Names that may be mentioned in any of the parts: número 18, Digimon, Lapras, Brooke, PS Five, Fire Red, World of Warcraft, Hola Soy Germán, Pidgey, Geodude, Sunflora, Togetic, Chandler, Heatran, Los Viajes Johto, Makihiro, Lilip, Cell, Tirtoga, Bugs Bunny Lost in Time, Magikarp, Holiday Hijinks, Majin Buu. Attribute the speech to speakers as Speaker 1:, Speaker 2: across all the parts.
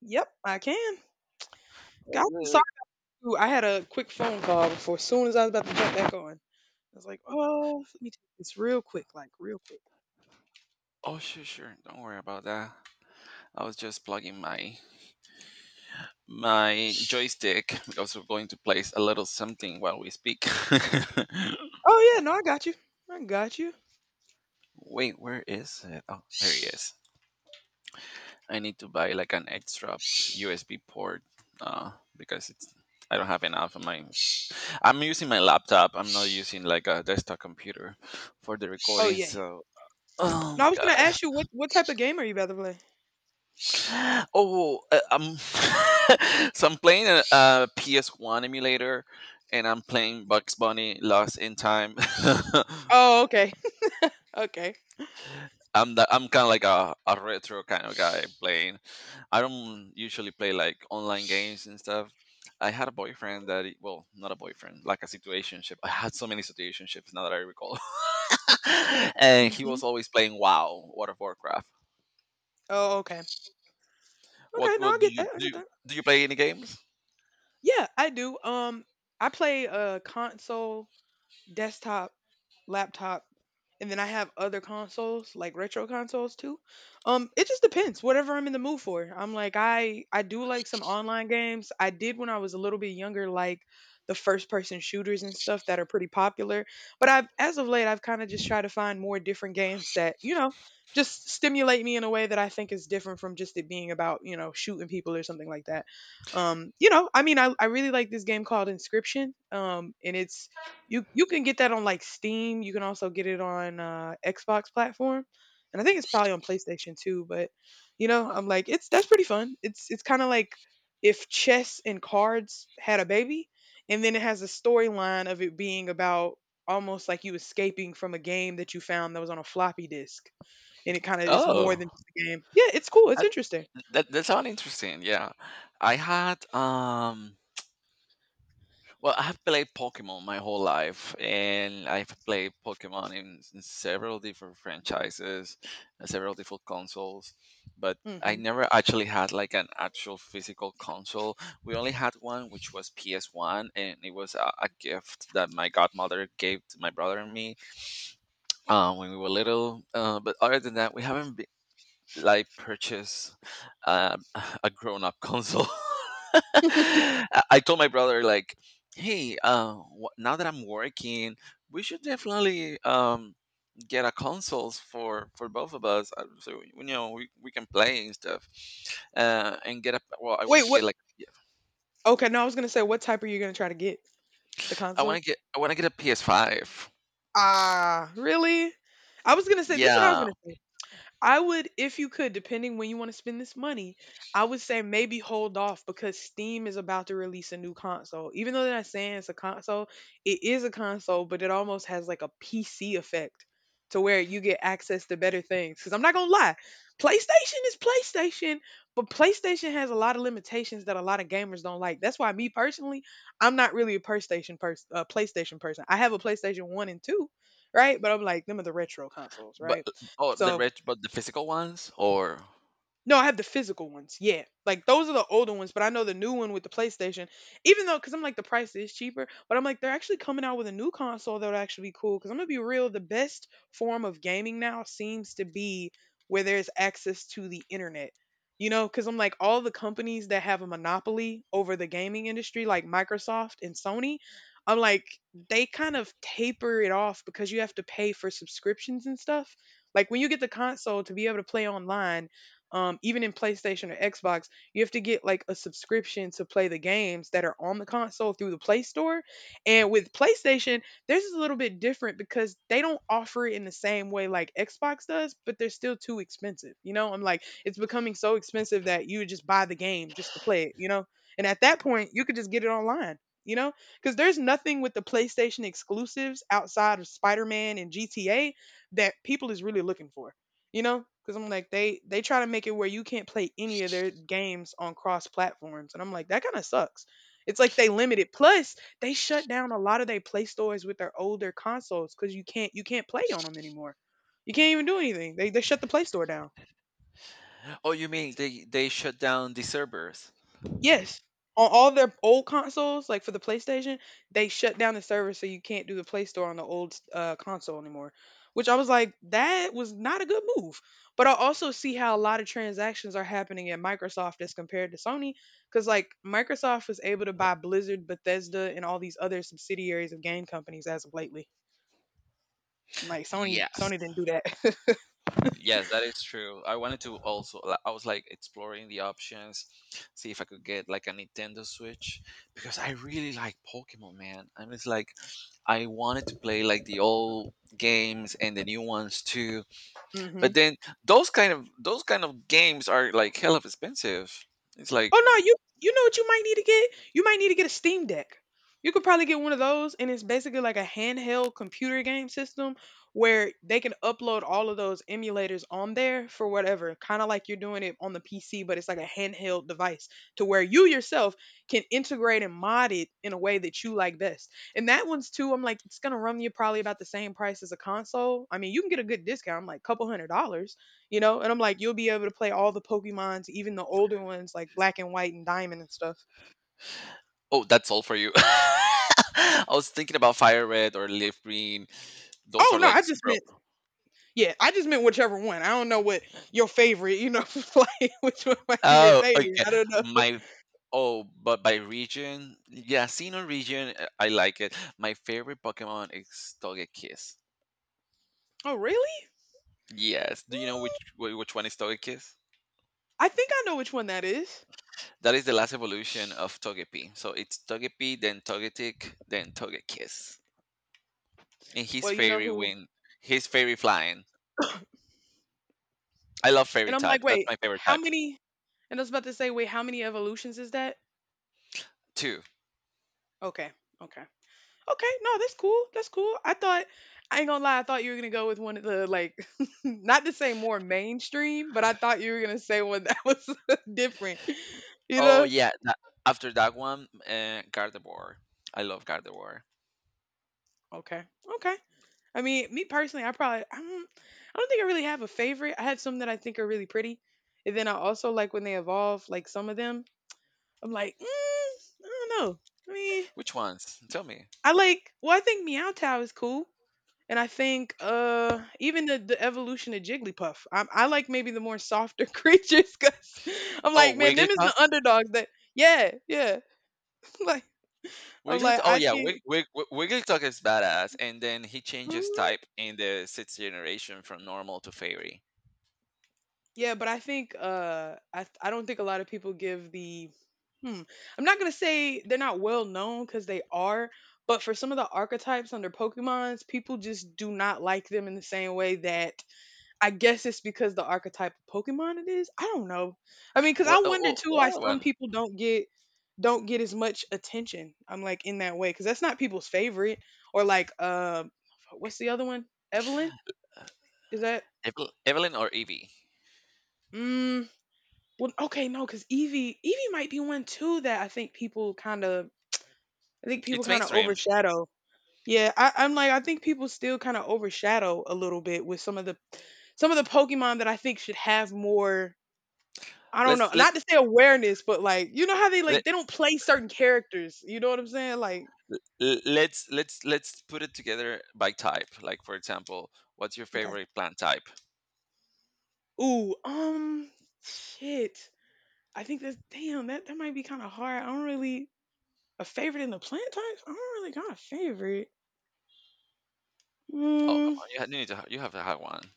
Speaker 1: Yep, I can.
Speaker 2: Oh,
Speaker 1: Got I
Speaker 2: good.
Speaker 1: sorry, ooh, I had a quick phone call before. As soon as I was about to jump back on, I was like, "Oh, let me take this real quick, like real quick."
Speaker 2: Oh, sure, sure. Don't worry about that. I was just plugging my joystick because we're going to place a little something while we speak.
Speaker 1: Oh yeah, no, I got you. I got you.
Speaker 2: Wait, where is it? Oh, there it is. I need to buy like an extra USB port uh, because it's I don't have enough of my. I'm using my laptop. I'm not using like a desktop computer for the
Speaker 1: Oh
Speaker 2: recording.
Speaker 1: yeah, yeah.
Speaker 2: So, oh
Speaker 1: No, I
Speaker 2: my
Speaker 1: was gonna
Speaker 2: god.
Speaker 1: ask you what type of game are you about to play?
Speaker 2: Oh, so I'm playing PS1 emulator, and I'm playing Bugs Bunny Lost in Time.
Speaker 1: Oh, okay, okay.
Speaker 2: I'm kind of like a retro kind of guy playing. I don't usually play like online games and stuff. I had a boyfriend that well, not a boyfriend, like a situationship. I had so many situationships now that I recall, and he
Speaker 1: Hmm.
Speaker 2: was always playing WoW, World of Warcraft.
Speaker 1: Oh, okay,
Speaker 2: What
Speaker 1: okay. No,
Speaker 2: what
Speaker 1: I
Speaker 2: do
Speaker 1: get
Speaker 2: you
Speaker 1: that. I
Speaker 2: do?
Speaker 1: get that.
Speaker 2: Do you play any games?
Speaker 1: Yeah, I do. I play a console desktop, laptop, and then I have other consoles like retro consoles too. It just depends. Whatever I'm in the mood for. I'm like I do like some online games. I did when I was a little bit younger, like the first person shooters and stuff that are pretty popular. But I've as of late I've kind of just tried to find more different games that just stimulate me in a way that I think is different from just it being about shooting people or something like that. I mean I really like this game called inscription. And it's you can get that on like Steam. You can also get it on Xbox platform, and I think it's probably on PlayStation too. But I'm like, it's that's pretty fun. It's kind of like if chess and cards had a baby, and then it has a storyline of it being about almost like you escaping from a game that you found that was on a floppy disk, and it kind of is more
Speaker 2: Oh,
Speaker 1: than just a game. Yeah, it's cool. It's
Speaker 2: I,
Speaker 1: interesting.
Speaker 2: that sounds interesting. Yeah, I had. Well, I have played Pokemon my whole life, and I've played Pokemon in several different franchises, and several different consoles. But I
Speaker 1: Hmm.
Speaker 2: never actually had like an actual physical console. We only had one, which was PS One, and it was a gift that my godmother gave to my brother and me when we were little. But other than that, we haven't like purchase uh, a grown up console. I told my brother like, hey, now that I'm working, we should definitely get a consoles for both of us, so we can play and stuff. And get a well, I wanted
Speaker 1: Wait,
Speaker 2: to
Speaker 1: what?
Speaker 2: get like
Speaker 1: Okay, no, I was gonna say, what type are you gonna try to get? The
Speaker 2: I
Speaker 1: console?
Speaker 2: want to get I want to get a PS Five.
Speaker 1: Ah, really? I was gonna say this is what I was
Speaker 2: Yeah,
Speaker 1: gonna say. I would, if you could, depending when you want to spend this money, I would say maybe hold off because Steam is about to release a new console. Even though they're not saying it's a console, it is a console, but it almost has like a PC effect to where you get access to better things. Because I'm not going to lie, PlayStation is PlayStation, but PlayStation has a lot of limitations that a lot of gamers don't like. That's why, me personally, I'm not really a PlayStation person. I have a PlayStation 1 and 2, right? But I'm like, them are the retro consoles,
Speaker 2: but
Speaker 1: right?
Speaker 2: oh, the
Speaker 1: So
Speaker 2: red, but the physical ones or
Speaker 1: no, I have the physical ones. Yeah. Like those are the older ones, but I know the new one with the PlayStation, even though, because I'm like, the price is cheaper, but I'm like, they're actually coming out with a new console that would actually be cool. Because I'm going to be real, the best form of gaming now seems to be where there's access to the internet. You know, because I'm like, all the companies that have a monopoly over the gaming industry, like Microsoft and Sony, I'm like, they kind of taper it off because you have to pay for subscriptions and stuff. Like when you get the console to be able to play online, even in PlayStation or Xbox, you have to get like a subscription to play the games that are on the console through the Play Store. And with PlayStation, this is a little bit different because they don't offer it in the same way like Xbox does, but they're still too expensive. You know, I'm like, it's becoming so expensive that you would just buy the game just to play it, you know? And at that point, you could just get it online. You know, because there's nothing with the PlayStation exclusives outside of Spider Man and GTA that people is really looking for. You know, because I'm like they try to make it where you can't play any of their games on cross platforms, and I'm like that kind of sucks. It's like they limit it. Plus, they shut down a lot of their play stores with their older consoles because you can't play on them anymore. You can't even do anything. They shut the play store down.
Speaker 2: oh, you mean they shut down the servers?
Speaker 1: Yes. On all their old consoles, like for the PlayStation, they shut down the server so you can't do the Play Store on the old console anymore. Which I was like, that was not a good move. But I also see how a lot of transactions are happening at Microsoft as compared to Sony. Because, like, Microsoft was able to buy Blizzard, Bethesda, and all these other subsidiaries of game companies as of lately. Like, Sony
Speaker 2: Yes.
Speaker 1: didn't do that.
Speaker 2: Yes, that is true. I wanted to also, I was like exploring the options, see if I could get like a Nintendo Switch because I really like Pokemon, man. I'm just like, I wanted to play like the old games and the new ones too.
Speaker 1: Hmm.
Speaker 2: But then those kind of games are like hell of expensive. It's like,
Speaker 1: Oh no, you know what you might need to get? You might need to get a Steam Deck. You could probably get one of those, and it's basically like a handheld computer game system where they can upload all of those emulators on there for whatever, kind of like you're doing it on the PC, but it's like a handheld device to where you yourself can integrate and mod it in a way that you like best. And that one's too, I'm like, it's gonna run you probably about the same price as a console. I mean, you can get a good discount, I'm like, couple $100, you know? And I'm like, you'll be able to play all the Pokemons, even the older ones like Black and White and Diamond and stuff.
Speaker 2: oh, that's all for you. I was thinking about Fire Red or Leaf Green. Those
Speaker 1: Oh
Speaker 2: are
Speaker 1: no,
Speaker 2: like
Speaker 1: I just
Speaker 2: super.
Speaker 1: meant yeah, I just meant whichever one. I don't know what your favorite, you know, like which one might be your
Speaker 2: Oh,
Speaker 1: favorite.
Speaker 2: okay.
Speaker 1: I don't know.
Speaker 2: My Oh, but by region, yeah, Sinnoh region, I like it. My favorite Pokemon is Togekiss.
Speaker 1: Oh really?
Speaker 2: Yes, do you know which one is Togekiss?
Speaker 1: I think I know which one that is.
Speaker 2: That is the last evolution of Togepi. So it's Togepi, then Togetic, then Togekiss. And he's
Speaker 1: Well, you know
Speaker 2: fairy
Speaker 1: who.
Speaker 2: wind, he's fairy flying. I love fairy
Speaker 1: And I'm
Speaker 2: type.
Speaker 1: like,
Speaker 2: That's
Speaker 1: wait,
Speaker 2: my favorite
Speaker 1: how
Speaker 2: type.
Speaker 1: many? And I was about to say, wait, how many evolutions is that?
Speaker 2: Two.
Speaker 1: Okay, okay. Okay, no, that's cool. That's cool. I ain't gonna lie, I thought you were gonna go with one of the, like, not to say more mainstream, but I thought you were gonna say one that was different. You
Speaker 2: Oh
Speaker 1: know?
Speaker 2: yeah, after that one, Gardevoir. I love Gardevoir.
Speaker 1: Okay. Okay. I mean, me personally, I don't think I really have a favorite. I have some that I think are really pretty, and then I also like when they evolve. Like some of them, I'm like, I don't know. I mean,
Speaker 2: Which ones? Tell me.
Speaker 1: I like. Well, I think Meow Tao is cool. And I think, even the evolution of Jigglypuff, I like maybe the more softer creatures because I'm
Speaker 2: Oh,
Speaker 1: like, man, them is
Speaker 2: Wigglytuff.
Speaker 1: the underdogs that, yeah, yeah. Like, I'm
Speaker 2: Wigglytuff.
Speaker 1: like,
Speaker 2: Oh
Speaker 1: I
Speaker 2: yeah,
Speaker 1: think,
Speaker 2: Wigglytuff is badass, and then he changes
Speaker 1: mhm.
Speaker 2: type in the sixth generation from normal to fairy.
Speaker 1: Yeah, but I think, I don't think a lot of people give the, hmm, I'm not going to say they're not well known because they are, but for some of the archetypes under Pokemons, people just do not like them in the same way that I guess it's because the archetype of Pokemon it is. I don't know. I mean, because I wonder
Speaker 2: Oh,
Speaker 1: too why
Speaker 2: what
Speaker 1: some
Speaker 2: one?
Speaker 1: people don't get as much attention. I'm like in that way because that's not people's favorite or like, what's the other one? Evelyn, is that?
Speaker 2: Evelyn or Evie?
Speaker 1: Mm, well, okay, no, because Evie might be one too that I think people kind of I think people
Speaker 2: It's
Speaker 1: kind of
Speaker 2: mainstream.
Speaker 1: overshadow. Yeah, I'm like I think people still kind of overshadow a little bit with some of the Pokemon that I think should have more. I don't know, not
Speaker 2: Let's
Speaker 1: to say awareness, but, like, you know how they,
Speaker 2: let,
Speaker 1: like, they don't play certain characters, you know what I'm saying? Like,
Speaker 2: let's put it together by type. Like for example, what's your
Speaker 1: okay.
Speaker 2: favorite plant type?
Speaker 1: Ooh, shit. I think that's, damn, that might be kinda hard. I don't really, a favorite in the plant types? I don't really got a favorite.
Speaker 2: Oh come
Speaker 1: Mm,
Speaker 2: on, you, ha- you need to ha- you have to have one.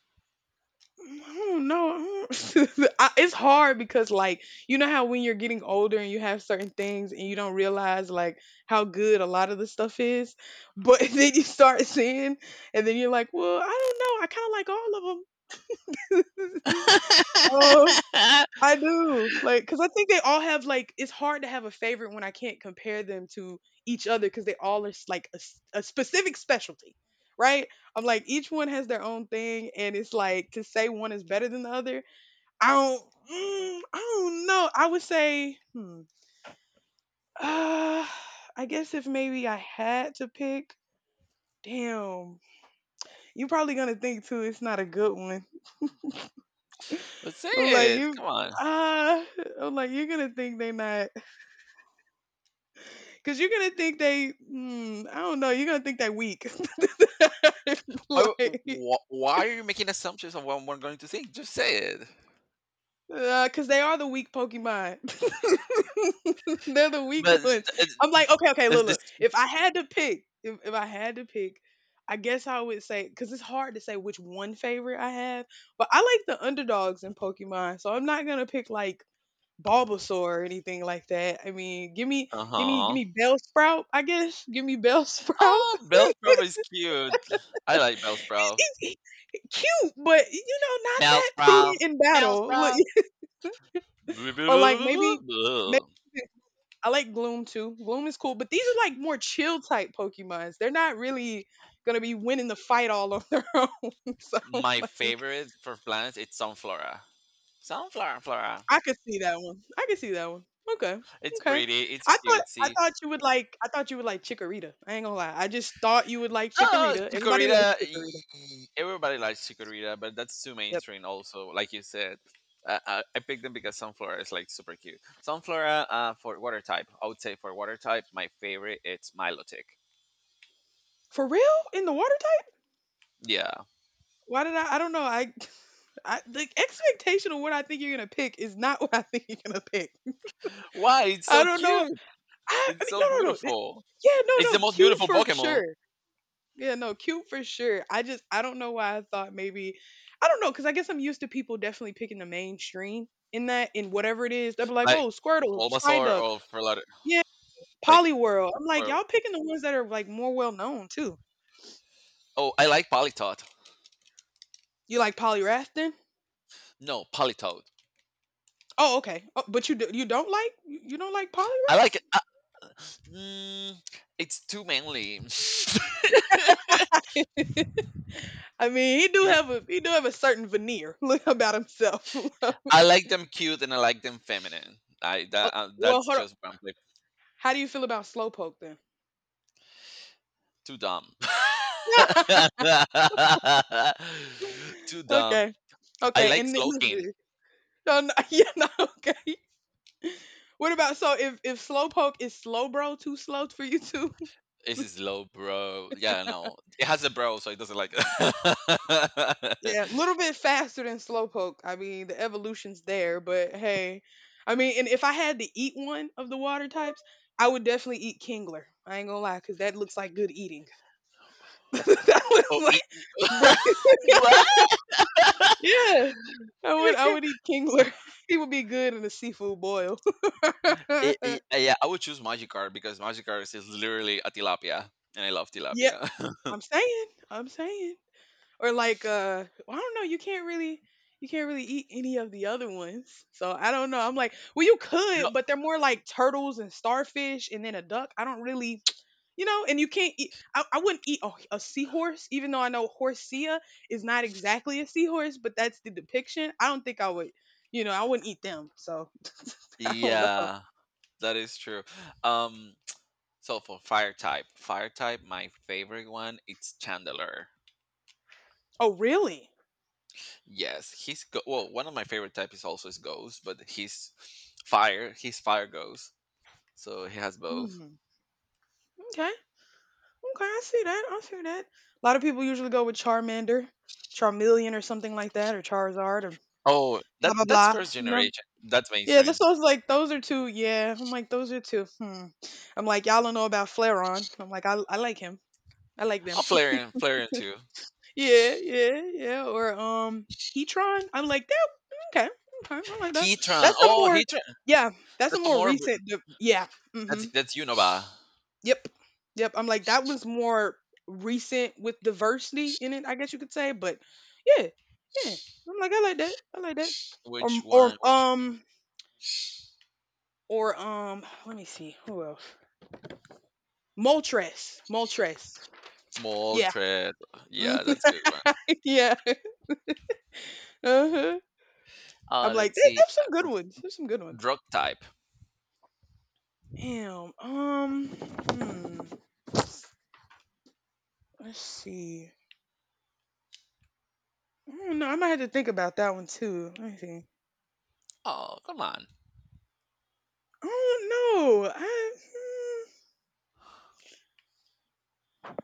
Speaker 1: I don't know. I don't I it's hard because, like, you know how when you're getting older and you have certain things and you don't realize, like, how good a lot of the stuff is, but then you start seeing, and then you're like, "Well, I don't know, I kinda like all of them." Oh, I do. Like, cause I think they all have, like it's hard to have a favorite when I can't compare them to each other. Cause they all are s like a s a specific specialty, right? I'm like, each one has their own thing, and it's like to say one is better than the other, I don't I don't know. I would say, uh, I guess if maybe I had to pick, damn, you're probably gonna think too it's not a good one.
Speaker 2: Let's say
Speaker 1: I'm like,
Speaker 2: it.
Speaker 1: you
Speaker 2: Come on.
Speaker 1: ah, I'm like, you're gonna think they're not. Cause you're gonna think they, I don't know, you're gonna think they weak,
Speaker 2: Why
Speaker 1: like,
Speaker 2: why are you making assumptions on what we're going to think? Just say it.
Speaker 1: cause they are the weak Pokemon. They're the weak
Speaker 2: But
Speaker 1: ones.
Speaker 2: uh,
Speaker 1: I'm like, okay, okay,
Speaker 2: is
Speaker 1: look,
Speaker 2: this?
Speaker 1: look. If I had to pick, if I had to pick, I guess I would say, cause it's hard to say which one favorite I have, but I like the underdogs in Pokemon, so I'm not gonna pick like Bulbasaur or anything like that. I mean, give me,
Speaker 2: Uh
Speaker 1: give me, give
Speaker 2: huh.
Speaker 1: me Bellsprout, I guess. Give me Bellsprout.
Speaker 2: Oh, Bellsprout is cute. I like Bellsprout.
Speaker 1: Cute, but you know, not that prudy
Speaker 2: Bellsprout.
Speaker 1: in battle. Look,
Speaker 2: Bellsprout. Boo, boo, boo,
Speaker 1: or like
Speaker 2: boo, boo,
Speaker 1: maybe
Speaker 2: boo, boo.
Speaker 1: I like Gloom too. Gloom is cool, but these are like more chill type Pokemons. They're not really gonna be winning the fight all on their own. So
Speaker 2: My
Speaker 1: like,
Speaker 2: favorite for plants it's sunflora. Sunflower, flora.
Speaker 1: I could see that one. I could see that one. Okay.
Speaker 2: It's
Speaker 1: Okay.
Speaker 2: pretty. It's
Speaker 1: I thought I
Speaker 2: cutesy.
Speaker 1: thought you would like, I thought you would like Chikorita. I ain't gonna lie. I just thought you would like
Speaker 2: Oh,
Speaker 1: Chikorita. Everybody likes
Speaker 2: Chikorita.
Speaker 1: Chikorita.
Speaker 2: Everybody likes Chikorita, but that's too
Speaker 1: Yep.
Speaker 2: mainstream. Also, like you said, I picked them because sunflora is like super cute. Sunflora for water type. I would say for water type, my favorite it's Milotic.
Speaker 1: For real? In the water type?
Speaker 2: Yeah.
Speaker 1: Why did I? I don't know. I, the expectation of what I think you're gonna pick is not what I think you're gonna pick.
Speaker 2: Why? It's
Speaker 1: I
Speaker 2: so
Speaker 1: don't know.
Speaker 2: cute.
Speaker 1: I
Speaker 2: It's
Speaker 1: mean,
Speaker 2: so
Speaker 1: no, no, no. Th-
Speaker 2: beautiful.
Speaker 1: yeah, no,
Speaker 2: It's the
Speaker 1: no.
Speaker 2: most
Speaker 1: Cute
Speaker 2: beautiful
Speaker 1: for
Speaker 2: Pokemon.
Speaker 1: sure. Yeah, no, cute for sure. I just, I don't know why I thought maybe, I don't know, because I guess I'm used to people definitely picking the mainstream in that, in whatever it is. They'll be like,
Speaker 2: Like
Speaker 1: oh, Squirtle,
Speaker 2: Bulbasaur
Speaker 1: Psyduck,
Speaker 2: or Feraligatr.
Speaker 1: yeah,
Speaker 2: Like
Speaker 1: Poliwhirl. I'm like,
Speaker 2: or-
Speaker 1: y'all picking the ones that are like more well known too.
Speaker 2: oh, I like Politoed.
Speaker 1: You like Poliwrath then?
Speaker 2: No, Politoed.
Speaker 1: Oh, okay. Oh, but you do, you don't like, you don't like
Speaker 2: I like
Speaker 1: Poliwrath.
Speaker 2: it. Mm, it's too manly.
Speaker 1: I mean, he do
Speaker 2: Ye-
Speaker 1: have a he do have a certain veneer look about himself.
Speaker 2: I like them cute and I like them feminine. I
Speaker 1: Oh,
Speaker 2: that
Speaker 1: well,
Speaker 2: That's
Speaker 1: hold on.
Speaker 2: just what I'm like,
Speaker 1: How do you feel about slowpoke then?
Speaker 2: too dumb. Too dumb.
Speaker 1: Okay,
Speaker 2: I
Speaker 1: okay,
Speaker 2: like
Speaker 1: and then,
Speaker 2: Slowking.
Speaker 1: listen, no, no, yeah, no, okay. What about, so if slowpoke is slow, bro, too slow for you too?
Speaker 2: This is low bro. Yeah, no, it has a bro, so it doesn't like. It.
Speaker 1: Yeah, a little bit faster than slowpoke. I mean, the evolution's there, but hey, I mean, and if I had to eat one of the water types, I would definitely eat Kingler. I ain't gonna lie, cause that looks like good eating. That looks
Speaker 2: Oh, it
Speaker 1: like, bro,
Speaker 2: what?
Speaker 1: yeah. I would
Speaker 2: You
Speaker 1: I
Speaker 2: can
Speaker 1: would eat Kingler. He would be good in a seafood boil.
Speaker 2: it, it, Yeah, I would choose Magikarp because Magikarp is literally a tilapia, and I love
Speaker 1: Yeah,
Speaker 2: tilapia.
Speaker 1: I'm saying. I'm saying. Or like well, I don't know, you can't really, you can't really eat any of the other ones. So I don't know. I'm like, well you
Speaker 2: No,
Speaker 1: could, but they're more like turtles and starfish and then a duck. I don't really you know, and you can't eat, I wouldn't eat a seahorse, even though I know horsea is not exactly a seahorse, but that's the depiction. I don't think I would, you know, I wouldn't eat them. So I don't know.
Speaker 2: yeah, that is true. Um, so for fire type, my favorite one, it's Chandler.
Speaker 1: Oh really?
Speaker 2: Yes, well, one of my favorite type is also his ghost, but he's fire. He's fire ghost, so he has both.
Speaker 1: Hmm. Okay. Okay, I see that. I see that. A lot of people usually go with Charmander, Charmeleon or something like that, or Charizard or
Speaker 2: Oh,
Speaker 1: blah blah
Speaker 2: that's
Speaker 1: blah.
Speaker 2: first
Speaker 1: You know?
Speaker 2: generation. That's
Speaker 1: Yeah, this
Speaker 2: mainstream.
Speaker 1: was like those are two, yeah. I'm like, those are two. Hmm. I'm like, y'all don't know about Flareon. I'm like, I like him. I like
Speaker 2: Oh,
Speaker 1: them.
Speaker 2: Flareon, Flareon too.
Speaker 1: Yeah, yeah, yeah. Or Heatran. I'm like, that, okay, okay, I like that.
Speaker 2: Heatran.
Speaker 1: That's a
Speaker 2: Oh,
Speaker 1: more,
Speaker 2: Heatran.
Speaker 1: yeah, that's a
Speaker 2: That's a
Speaker 1: more
Speaker 2: more.
Speaker 1: recent de-, yeah.
Speaker 2: That's
Speaker 1: Hmm.
Speaker 2: that's Unova.
Speaker 1: Yep. Yep. I'm like, that was more recent with diversity in it, I guess you could say. But yeah, yeah. I'm like, I like that. I like that. Or
Speaker 2: Which one?
Speaker 1: or
Speaker 2: Which
Speaker 1: um, or let me see. Who else? Moltres. Moltres. Yeah.
Speaker 2: Moltres?
Speaker 1: Mhm,
Speaker 2: Yeah, that's good one.
Speaker 1: yeah. Uh-huh. I'm like,
Speaker 2: Let's
Speaker 1: they
Speaker 2: see.
Speaker 1: have some good
Speaker 2: Uh,
Speaker 1: ones. There's some good ones.
Speaker 2: Drug type.
Speaker 1: Damn. Um hmm. Let's see. I don't know. I might have to think about that one too. Let me see.
Speaker 2: Oh, come on.
Speaker 1: I don't know. I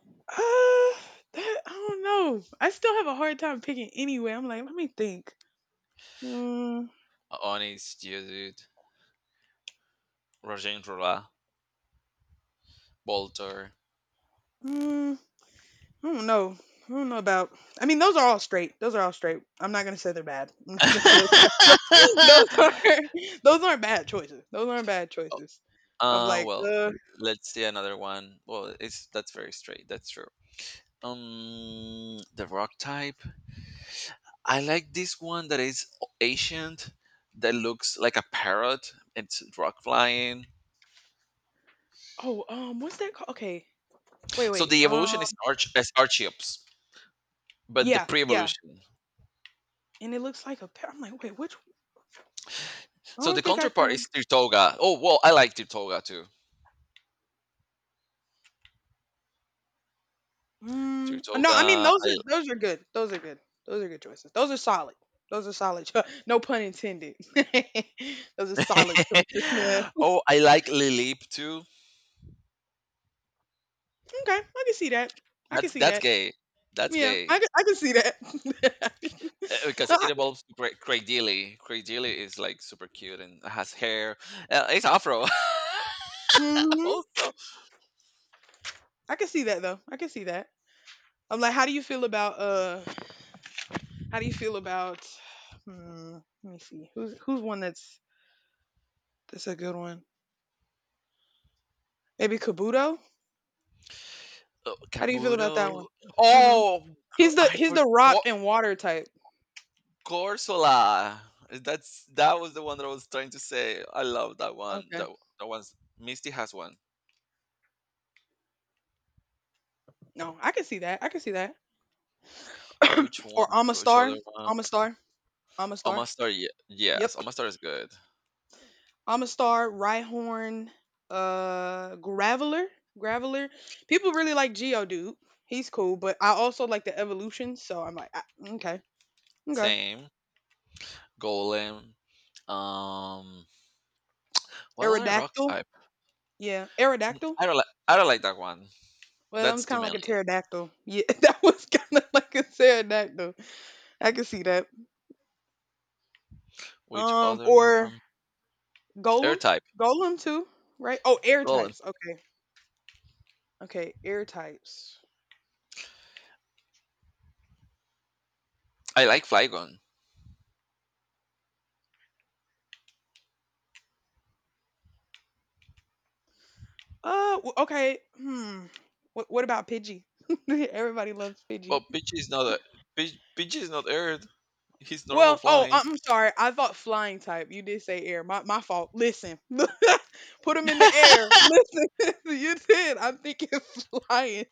Speaker 1: Uh, that, I don't know. I still have a hard time picking anyway. I'm like, let me think. Mm,
Speaker 2: Onis, Geodude, Rajendrula, Bolter.
Speaker 1: mm, I don't know. I don't know about. I mean, those are all straight. Those are all straight. I'm not gonna say they're bad. I'm not gonna say those. Those are,
Speaker 2: uh,
Speaker 1: those aren't bad choices. Those aren't bad choices. I'm like,
Speaker 2: well, let's see another one. Well, it's that's very straight. That's true. The rock type. I like this one that is ancient, that looks like a parrot. It's rock flying.
Speaker 1: oh, what's that called? Okay, wait,
Speaker 2: So
Speaker 1: wait,
Speaker 2: the
Speaker 1: um,
Speaker 2: evolution is arch as Archeops, but the
Speaker 1: yeah, yeah.
Speaker 2: pre-evolution.
Speaker 1: And it looks like a pa-, I'm like, wait, which? I
Speaker 2: So the
Speaker 1: don't think I
Speaker 2: counterpart
Speaker 1: can.
Speaker 2: is Tirtoga. Oh well, I like Tirtoga too.
Speaker 1: Mm, no, I mean
Speaker 2: Tirtoga.
Speaker 1: those are, those are good. Those are good. Those are good choices. Those are solid. Those are solid. Cho- no pun intended. Those are solid choices. Yeah.
Speaker 2: I... oh, I like Lilip too.
Speaker 1: Okay, I can see that. I can
Speaker 2: That's
Speaker 1: see
Speaker 2: that's
Speaker 1: that.
Speaker 2: gay. That's
Speaker 1: Yeah,
Speaker 2: gay.
Speaker 1: I can see that.
Speaker 2: Because
Speaker 1: No, I,
Speaker 2: it involves Craig Dealey. Craig Dealey is like super cute and has hair. It's Afro.
Speaker 1: hmm,
Speaker 2: Also,
Speaker 1: I can see that though. I can see that. I'm like, how do you feel about how do you feel about? Hmm, let me see. Who's one that's a good one? Maybe Kabuto. How do you feel about that
Speaker 2: Kabuto.
Speaker 1: one? Hmm.
Speaker 2: Oh,
Speaker 1: He's the,
Speaker 2: I
Speaker 1: he's the rock
Speaker 2: forgot
Speaker 1: and water type.
Speaker 2: Corsola. That was the one that I was trying to say. I love that one.
Speaker 1: Okay.
Speaker 2: That one's Misty has one.
Speaker 1: No, I can see that. I can see that.
Speaker 2: Which one?
Speaker 1: Or
Speaker 2: Which other
Speaker 1: Amistar.
Speaker 2: one?
Speaker 1: Amistar. Amistar.
Speaker 2: Omastar. Yes,
Speaker 1: Yep.
Speaker 2: Omastar is good.
Speaker 1: Amistar, Rhyhorn, Graveler. Graveler. People really like Geodude. He's cool, but I also like the evolution, so I'm like, I, okay. Okay.
Speaker 2: Same. Golem. Um, what other rock
Speaker 1: Aerodactyl.
Speaker 2: type?
Speaker 1: Yeah. Aerodactyl.
Speaker 2: I don't like that one.
Speaker 1: Well, that
Speaker 2: That's
Speaker 1: was
Speaker 2: too
Speaker 1: kind of
Speaker 2: many.
Speaker 1: like a pterodactyl. Yeah, that was kind of like a pterodactyl. I can see that.
Speaker 2: Which other
Speaker 1: Or
Speaker 2: one? Air
Speaker 1: Golem.
Speaker 2: type.
Speaker 1: Golem too, right? Oh, air
Speaker 2: Golem.
Speaker 1: types. Okay. Okay, air types.
Speaker 2: I like Flygon.
Speaker 1: W- okay. Hmm. What about Pidgey? Everybody loves Pidgey.
Speaker 2: But Pidgey is not Earth. He's normal
Speaker 1: Well, oh,
Speaker 2: flying.
Speaker 1: I- I'm sorry. I thought flying type. You did say air. My fault. Listen, put them in the air. Listen, you did. I'm thinking flying.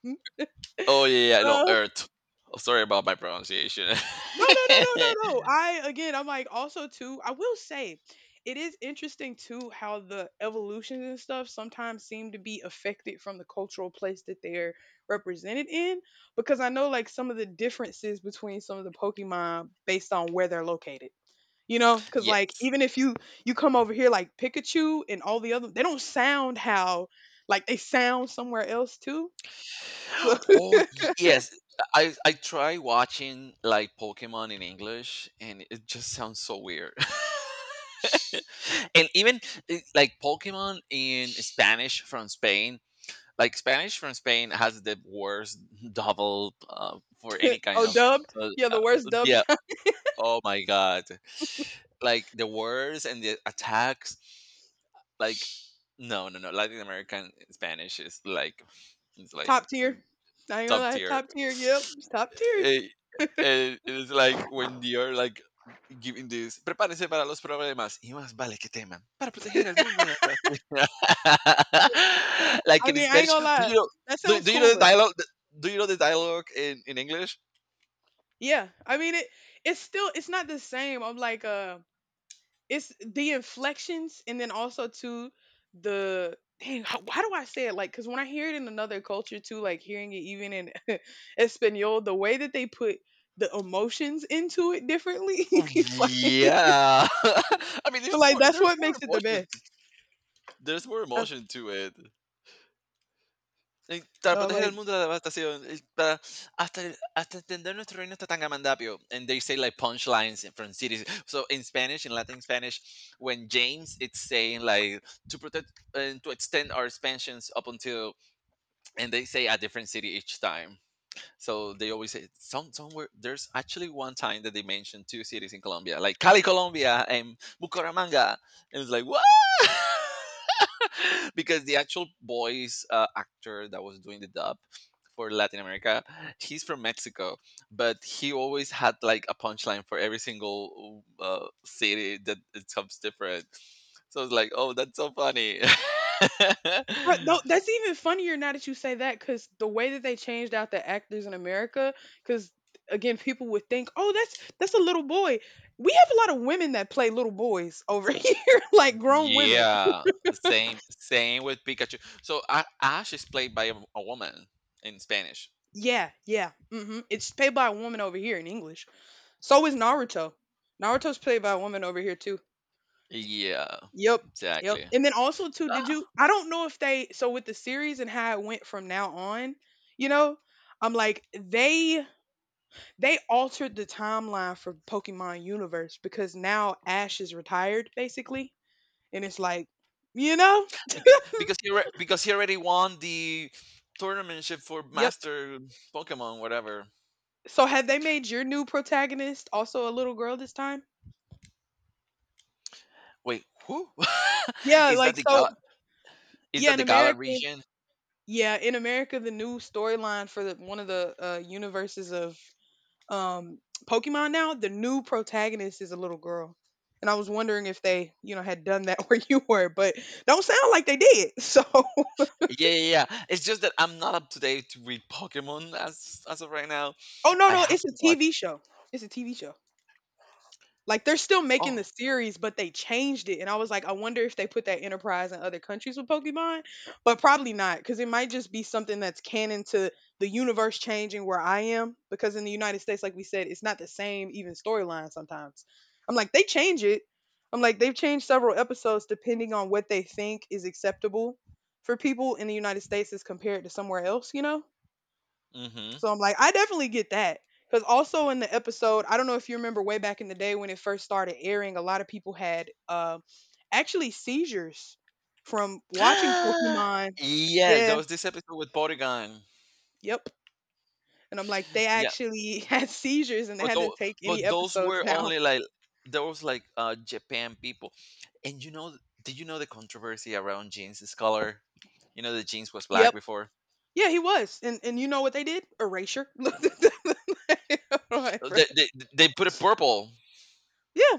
Speaker 2: Oh yeah, yeah, no
Speaker 1: Uh,
Speaker 2: Earth. Oh, sorry about my pronunciation.
Speaker 1: no, no, no, no, no, no. I again, I'm like also too. I will say, it is interesting too how the evolutions and stuff sometimes seem to be affected from the cultural place that they're represented in. Because I know like some of the differences between some of the Pokemon based on where they're located. You know, because like
Speaker 2: Yes.
Speaker 1: even if you, come over here like Pikachu and all the other, they don't sound how like they sound somewhere else too. So
Speaker 2: Oh yes. I try watching like Pokemon in English, and it just sounds so weird. And even like Pokemon in Spanish from Spain. Like Spanish from Spain has the worst double for any kind
Speaker 1: oh,
Speaker 2: of
Speaker 1: dubbed. Yeah, the worst dubbed.
Speaker 2: yeah. Oh my god. Like the words and the attacks like no no no latin american spanish is like
Speaker 1: Top tier.
Speaker 2: r-
Speaker 1: I ain't gonna
Speaker 2: top
Speaker 1: lie, it's
Speaker 2: tier.
Speaker 1: top tier. Yep, it's top tier.
Speaker 2: Eh, it's like when you're like giving this prepárense para los problemas y más vale que teman para proteger al mundo de la tragedia." Like
Speaker 1: I
Speaker 2: in
Speaker 1: mean, I ain't
Speaker 2: spanish
Speaker 1: gonna
Speaker 2: do
Speaker 1: lie.
Speaker 2: you know
Speaker 1: That
Speaker 2: do,
Speaker 1: sounds
Speaker 2: do you know
Speaker 1: cooler.
Speaker 2: the dialogue in english.
Speaker 1: Yeah, I mean it. It's still, it's not the same. I'm like it's the inflections and then also to the dang. How, why do I say it like? Because when I hear it in another culture too, like hearing it even in Espanol, the way that they put the emotions into it differently,
Speaker 2: Oh,
Speaker 1: like,
Speaker 2: yeah I mean there's
Speaker 1: like
Speaker 2: more
Speaker 1: that's
Speaker 2: there's
Speaker 1: what
Speaker 2: more
Speaker 1: makes it the
Speaker 2: emotions.
Speaker 1: best.
Speaker 2: There's more
Speaker 1: That's,
Speaker 2: emotion to it. Para
Speaker 1: no, I'm
Speaker 2: proteger
Speaker 1: like,
Speaker 2: el mundo de la devastación, para hasta, hasta entender nuestro reino está tan gamandapio. And they say like punchlines from cities. So in Spanish, in Latin Spanish, when James it's saying like to protect and to extend our expansions up until, and they say a different city each time. So they always say somewhere. There's actually one time that they mentioned two cities in Colombia, like Cali, Colombia, and Bucaramanga, and it's like what? Because the actual voice actor that was doing the dub for Latin America, he's from Mexico, but he always had like a punchline for every single city that it comes different. So it's like, oh, that's so funny.
Speaker 1: but no, that's even funnier now that you say that because the way that they changed out the actors in America, because again, people would think, oh, that's a little boy. We have a lot of women that play little boys over here, like grown women.
Speaker 2: Yeah, same with Pikachu. So Ash is played by a woman in Spanish.
Speaker 1: Yeah, yeah. Hmm. It's played by a woman over here in English. So is Naruto. Naruto's played by a woman over here too.
Speaker 2: Yeah,
Speaker 1: Yep. Yep.
Speaker 2: exactly.
Speaker 1: And then also too, did you, I don't know if they, so with the series and how it went from now on, you know, I'm like they altered the timeline for Pokemon Universe because now Ash is retired, basically. And it's like, you know?
Speaker 2: Because he already won the tournament for
Speaker 1: Yep.
Speaker 2: Master Pokemon, whatever.
Speaker 1: So had they made your new protagonist also a little girl this time?
Speaker 2: Wait, who
Speaker 1: Yeah,
Speaker 2: is
Speaker 1: like
Speaker 2: that? The Gala
Speaker 1: so
Speaker 2: Is
Speaker 1: yeah,
Speaker 2: that
Speaker 1: in
Speaker 2: the Gala
Speaker 1: America,
Speaker 2: region?
Speaker 1: yeah, in America the new storyline for the one of the universes of um Pokemon now, the new protagonist is a little girl. And I was wondering if they, you know, had done that where you were, but don't sound like they did. So
Speaker 2: Yeah, yeah, yeah. It's just that I'm not up to date with Pokemon as of right now.
Speaker 1: oh no,
Speaker 2: I
Speaker 1: no,
Speaker 2: have
Speaker 1: it's a
Speaker 2: to watch.
Speaker 1: TV show. It's a TV show. Like they're still making
Speaker 2: Oh,
Speaker 1: the series, but they changed it. And I was like, I wonder if they put that enterprise in other countries with Pokemon, but probably not, because it might just be something that's canon to the universe changing where I am. Because in the United States, like we said, it's not the same even storyline sometimes. I'm like, they change it. I'm like, they've changed several episodes depending on what they think is acceptable for people in the United States as compared to somewhere else, you know?
Speaker 2: mm-hmm.
Speaker 1: So I'm like, I definitely get that. Because also in the episode, I don't know if you remember way back in the day when it first started airing, a lot of people had actually seizures from watching Pokemon.
Speaker 2: Yeah, there
Speaker 1: Yeah,
Speaker 2: was this episode with Porygon.
Speaker 1: yep. And I'm like, they actually had seizures and they
Speaker 2: But
Speaker 1: had to
Speaker 2: those,
Speaker 1: take any
Speaker 2: but those
Speaker 1: episodes
Speaker 2: were
Speaker 1: down.
Speaker 2: only like there was like Japan people, and did you know the controversy around jeans' color? You know, the jeans was black
Speaker 1: Yep.
Speaker 2: before.
Speaker 1: Yeah, he was. And you know what they did? Erasure. I'm like,
Speaker 2: Uh, They they, they put it purple,
Speaker 1: yeah.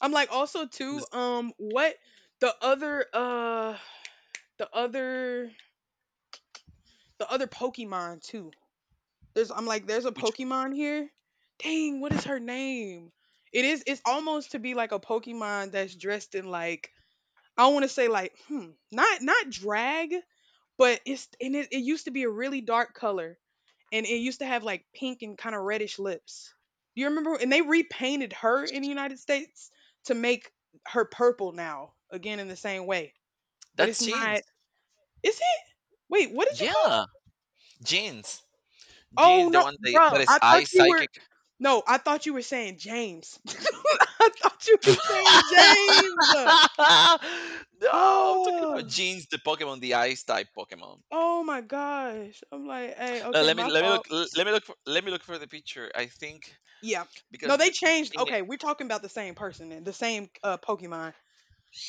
Speaker 1: I'm like also
Speaker 2: which
Speaker 1: too, what the other, the other the other Pokemon too. There's I'm like, there's a
Speaker 2: which-
Speaker 1: Pokemon here. Dang, what is her name? It's almost to be like a Pokemon that's dressed in like I want to say like not drag, but it's and it used to be a really dark color, and it used to have like pink and kind of reddish lips. Do you remember? And they repainted her in the United States to make her purple now, again in the same way. But
Speaker 2: that's
Speaker 1: it's not,
Speaker 2: jeans.
Speaker 1: is it? Wait, what did you
Speaker 2: Yeah,
Speaker 1: call?
Speaker 2: jeans,
Speaker 1: Oh
Speaker 2: jeans. The
Speaker 1: no,
Speaker 2: one they that
Speaker 1: bro!
Speaker 2: is
Speaker 1: I
Speaker 2: eye
Speaker 1: thought you were.
Speaker 2: psychic.
Speaker 1: No, I thought you were saying James. I thought you were saying
Speaker 2: No,
Speaker 1: James.
Speaker 2: I'm talking about
Speaker 1: Oh,
Speaker 2: jeans, the Pokemon, the ice type Pokemon.
Speaker 1: oh my gosh! I'm like, hey, okay,
Speaker 2: Let me
Speaker 1: my
Speaker 2: let me look
Speaker 1: fault.
Speaker 2: let me look for the picture. I think
Speaker 1: Yeah.
Speaker 2: because
Speaker 1: No, they changed. Okay, we're talking about the same person and the same Pokemon.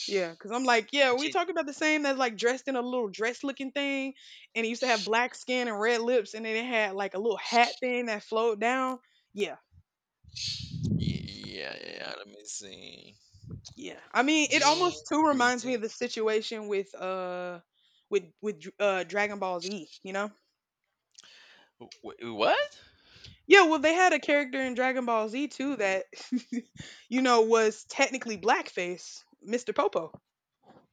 Speaker 1: Yeah, because I'm like, yeah, we
Speaker 2: the,
Speaker 1: talking about the same that's like dressed in a little dress looking thing, and it used to have black skin and red lips, and then it had like a little hat thing that flowed down. Yeah,
Speaker 2: Ye yeah, yeah, let me see.
Speaker 1: yeah. I mean, it
Speaker 2: Jeans,
Speaker 1: almost too
Speaker 2: jeans,
Speaker 1: reminds me of the
Speaker 2: jeans.
Speaker 1: situation with Dragon Ball Z, you know?
Speaker 2: What?
Speaker 1: Yeah, well they had a character in Dragon Ball Z too that you know was technically blackface, Mr. Popo.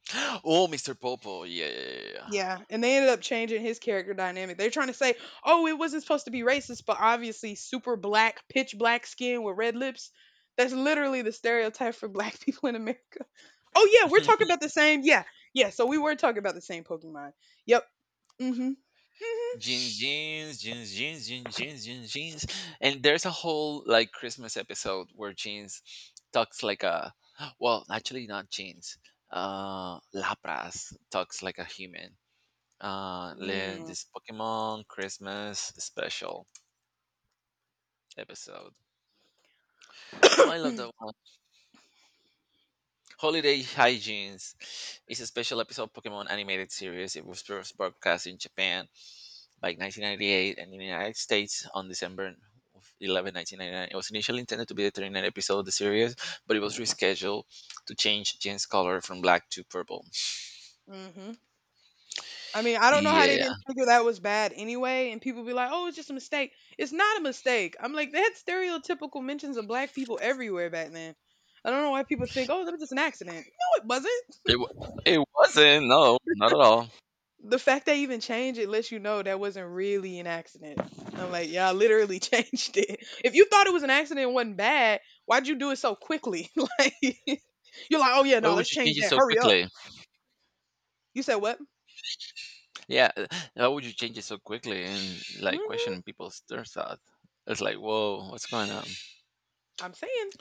Speaker 2: Oh, Mr. Popo. Yeah, yeah,
Speaker 1: Yeah, and they ended up changing his character dynamic. They're trying to say, "Oh, it wasn't supposed to be racist, but obviously super black, pitch black skin with red lips." That's literally the stereotype for black people in America. Oh yeah, we're
Speaker 2: yeah.
Speaker 1: talking about the same. Yeah. Yeah, so we were talking about the same Pokemon. Yep. Mhm. Mhm.
Speaker 2: Jeans, jeans, jeans, jeans, jeans, jeans, jeans, jeans. And there's a whole like Christmas episode where jeans talks like a, well, actually not jeans. Lapras talks like a human.
Speaker 1: Mm,
Speaker 2: This Pokemon Christmas special episode. Oh, I love that Holiday Hijinks is a special episode of Pokemon animated series. It was first broadcast in Japan by 1998 and in the United States on December 11, 1999. It was initially intended to be the 39th episode of the series, but it was rescheduled to change Jin's color from black to purple.
Speaker 1: mhm. I mean, I don't know how they
Speaker 2: Yeah,
Speaker 1: didn't figure that was bad anyway, and people be like, "Oh, it's just a mistake." It's not a mistake. I'm like, they had stereotypical mentions of black people everywhere back then. I don't know why people think, "Oh, that was just an accident." No, it wasn't.
Speaker 2: it wasn't. No, not at all.
Speaker 1: The fact they even changed it lets you know that wasn't really an accident. I'm like, y'all literally changed it. If you thought it was an accident, and wasn't bad. Why'd you do it so quickly? Like, you're like, "Oh yeah,
Speaker 2: Why
Speaker 1: no,
Speaker 2: would
Speaker 1: let's
Speaker 2: you
Speaker 1: change
Speaker 2: change it
Speaker 1: that.
Speaker 2: so
Speaker 1: Hurry up."
Speaker 2: quickly?
Speaker 1: You said what?
Speaker 2: Yeah, why would you change it so quickly and like
Speaker 1: Hmm.
Speaker 2: question people's their thought? It's like, whoa, what's going on?
Speaker 1: I'm saying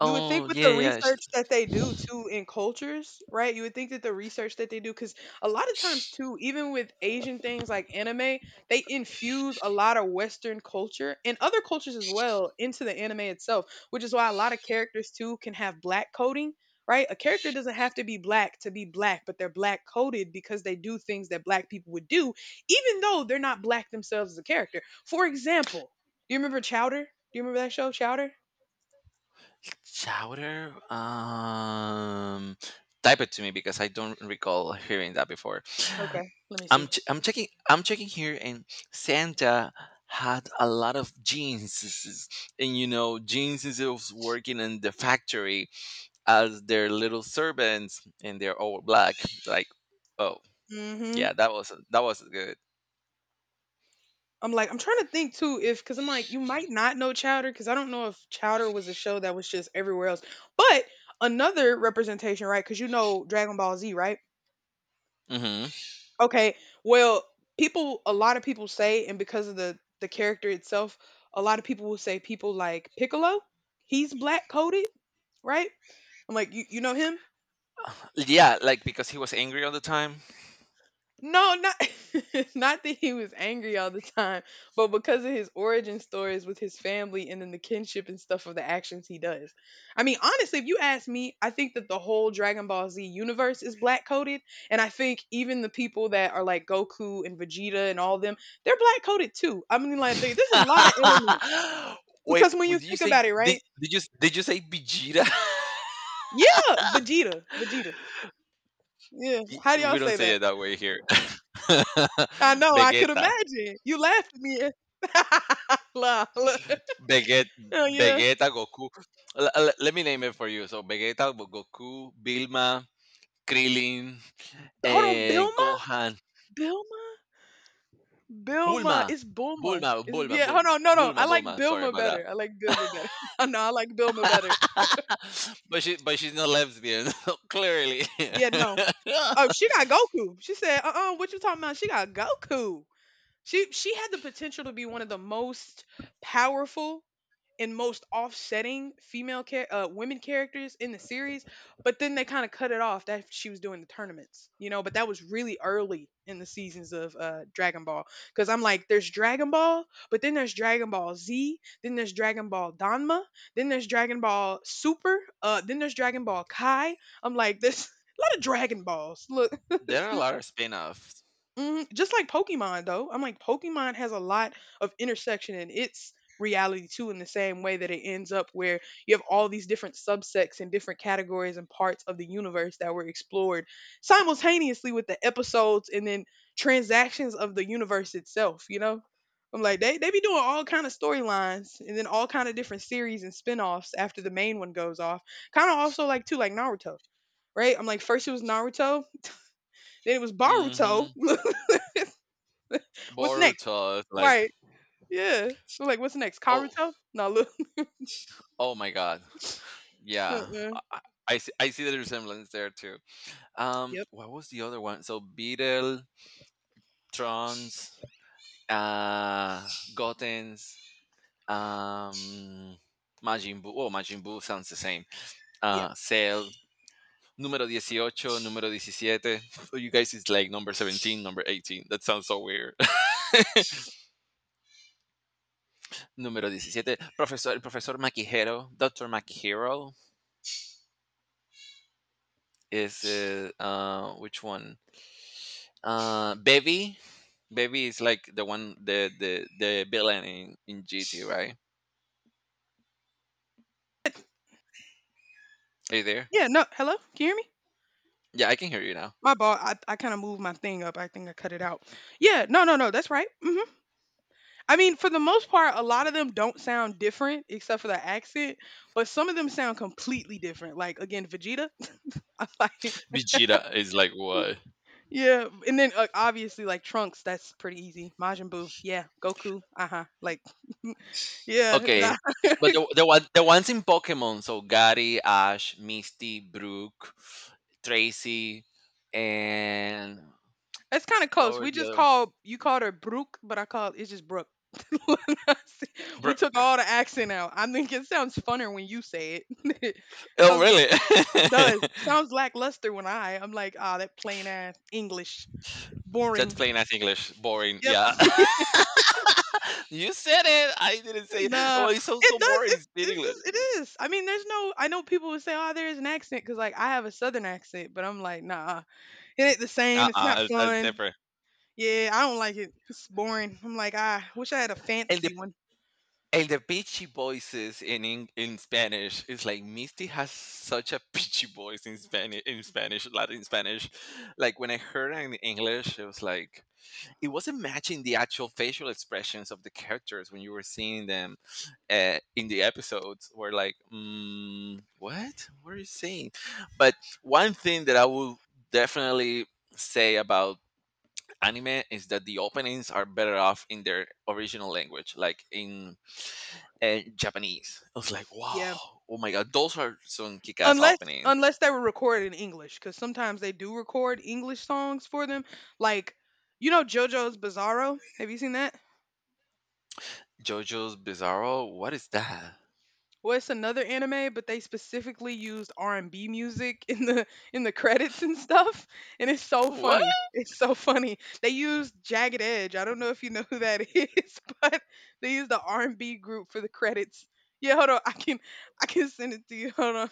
Speaker 1: you would think
Speaker 2: Oh
Speaker 1: with
Speaker 2: yeah,
Speaker 1: the
Speaker 2: yeah.
Speaker 1: research that they do too in cultures, right? You would think that the research that they do, because a lot of times too, even with Asian things like anime, they infuse a lot of Western culture and other cultures as well into the anime itself, which is why a lot of characters too can have black coding, right? A character doesn't have to be black, but they're black coded because they do things that black people would do, even though they're not black themselves as a character. For example, do you remember Chowder? Do you remember that show, Chowder?
Speaker 2: Chowder? Type it to me because I don't recall hearing that before.
Speaker 1: Okay, let me
Speaker 2: I'm
Speaker 1: see.
Speaker 2: ch- I'm checking I'm checking here, and Santa had a lot of jeans, and you know, jeans is of working in the factory as their little servants, and they're all black. Like, oh
Speaker 1: Mhm.
Speaker 2: yeah, that was good.
Speaker 1: I'm like, I'm trying to think too if because I'm like, you might not know Chowder because I don't know if Chowder was a show that was just everywhere else. But another representation, right? Because you know Dragon Ball Z, right?
Speaker 2: Hmm.
Speaker 1: Okay. Well, people, a lot of people say, and because of the character itself, a lot of people will say people like Piccolo, he's black coded, right? I'm like, you know him?
Speaker 2: Yeah, like because he was angry all the time.
Speaker 1: No, not not that he was angry all the time, but because of his origin stories with his family and then the kinship and stuff of the actions he does. I mean, honestly, if you ask me, I think that the whole Dragon Ball Z universe is black coded, and I think even the people that are like Goku and Vegeta and all them, they're black coded too. I mean, like they, there's a lot of elements
Speaker 2: Wait,
Speaker 1: because when you
Speaker 2: would you
Speaker 1: think
Speaker 2: say
Speaker 1: about it,
Speaker 2: did,
Speaker 1: right?
Speaker 2: did you did you say Vegeta?
Speaker 1: Yeah, Vegeta. Yeah, how do
Speaker 2: We
Speaker 1: y'all
Speaker 2: don't
Speaker 1: say
Speaker 2: say
Speaker 1: that?
Speaker 2: it that way here.
Speaker 1: I know, I could
Speaker 2: Vegeta,
Speaker 1: imagine. You laughed at me. La- la-
Speaker 2: Veget,
Speaker 1: Hell yeah.
Speaker 2: Vegeta, Goku. Let me name it for you. So Vegeta, Goku, Bilma, Krillin,
Speaker 1: Hold on,
Speaker 2: and
Speaker 1: Bilma?
Speaker 2: Gohan,
Speaker 1: Bilma? Bilma.
Speaker 2: Bulma,
Speaker 1: It's Bulma.
Speaker 2: Bulma,
Speaker 1: It's,
Speaker 2: Bulma,
Speaker 1: yeah, hold
Speaker 2: Bulma,
Speaker 1: on. No, no. I like
Speaker 2: Bulma. Sorry
Speaker 1: Bilma
Speaker 2: about that.
Speaker 1: better. I like Bilma better. No, no, I like Bilma better.
Speaker 2: But she's not lesbian, clearly.
Speaker 1: Yeah, no. Oh, she got Goku. She said, uh, what you talking about? She got Goku. She had the potential to be one of the most powerful and most offsetting women characters in the series, but then they kind of cut it off that she was doing the tournaments, you know. But that was really early in the seasons of Dragon Ball, because I'm like, there's Dragon Ball, but then there's Dragon Ball Z, then there's Dragon Ball Danma, then there's Dragon Ball Super, then there's Dragon Ball Kai. I'm like, this a lot of Dragon Balls. Look,
Speaker 2: There are a lot of spin-offs.
Speaker 1: mhm, just like Pokemon though. I'm like Pokemon has a lot of intersection in its reality too in the same way that it ends up where you have all these different subsects and different categories and parts of the universe that were explored simultaneously with the episodes and then transactions of the universe itself, you know? I'm like they be doing all kind of storylines and then all kind of different series and spin-offs after the main one goes off. Kind of also like too like Naruto, right? I'm like first it was Naruto, then it was Baruto.
Speaker 2: Hmm.
Speaker 1: What's next?
Speaker 2: Boruto is like,
Speaker 1: Right. Yeah. We're like, what's next?
Speaker 2: oh,
Speaker 1: Karuto? No, look.
Speaker 2: oh my god, yeah.
Speaker 1: Uh-uh.
Speaker 2: I see, I see the resemblance there too.
Speaker 1: Yep.
Speaker 2: What was the other one? So Beetle, trunks, uh, Goten's, um, Majin Buu. Oh, Majin Buu sounds the same.
Speaker 1: Yeah.
Speaker 2: Cell, número 18, número 17. So you guys is like number 17, number 18. That sounds so weird. número 17, Professor, el Profesor Makihiro, Dr. Makihiro is, which one? Baby Bevy is like the one, the villain in GT, right? Are you there?
Speaker 1: Yeah, no. Hello? Can you hear me?
Speaker 2: Yeah, I can hear you now.
Speaker 1: My ball. I kind of moved my thing up. I think I cut it out. Yeah. No, no, no. That's right. Hmm. I mean, for the most part, a lot of them don't sound different except for the accent, but some of them sound completely different. Like, again, Vegeta. I like,
Speaker 2: Vegeta is like what?
Speaker 1: yeah. And then obviously, like Trunks, that's pretty easy. Majin Buu. Yeah. Goku. Uh huh. Like, yeah.
Speaker 2: Okay, but the one the ones in Pokemon, so Gary, Ash, Misty, Brooke, Tracy, and
Speaker 1: It's kind of
Speaker 2: what
Speaker 1: close.
Speaker 2: were
Speaker 1: We
Speaker 2: the
Speaker 1: just
Speaker 2: other?
Speaker 1: called you called her Brooke, but I call it's just Brooke. We took
Speaker 2: Brooke.
Speaker 1: all the accent out. I think it sounds funner when you say it.
Speaker 2: Oh,
Speaker 1: Sounds
Speaker 2: really?
Speaker 1: it does. Sounds lackluster when I. I'm like, ah, that plain ass English,
Speaker 2: That's
Speaker 1: boring.
Speaker 2: plain as English. Boring.
Speaker 1: Yep.
Speaker 2: Yeah. You said it. I didn't say it. Well,
Speaker 1: Nah,
Speaker 2: it sounds
Speaker 1: it
Speaker 2: so boring.
Speaker 1: does.
Speaker 2: It's
Speaker 1: It
Speaker 2: in
Speaker 1: is
Speaker 2: English.
Speaker 1: this. It is. I mean, there's no. I know people would say, oh, there is an accent because like I have a southern accent, but I'm like, nah, it ain't the same. It's not
Speaker 2: Uh-uh, it's that's
Speaker 1: fun.
Speaker 2: different.
Speaker 1: Yeah, I don't like it. It's boring. I'm like, I wish I had a
Speaker 2: And the
Speaker 1: fancy one.
Speaker 2: and the pitchy voices in Eng in Spanish is like Misty has such a pitchy voice in Spanish Latin Spanish. Like when I heard it in English, it was like it wasn't matching the actual facial expressions of the characters when you were seeing them in the episodes. Were like, mm, what? What are you saying? But one thing that I will definitely say about anime is that the openings are better off in their original language, like in Japanese. I was like,
Speaker 1: Yeah,
Speaker 2: wow, oh my god, those are some kick-ass
Speaker 1: unless
Speaker 2: openings.
Speaker 1: unless they were recorded in English, because sometimes they do record English songs for them. Like, you know, JoJo's Bizarro. Have you seen that?
Speaker 2: JoJo's Bizarro, what is that?
Speaker 1: Well, it's another anime, but they specifically used R and B music in the credits and stuff, and it's so
Speaker 2: What?
Speaker 1: funny. It's so funny. They used Jagged Edge. I don't know if you know who that is, but they used the R and B group for the credits. Yeah, hold on. I can send it to you. Hold on.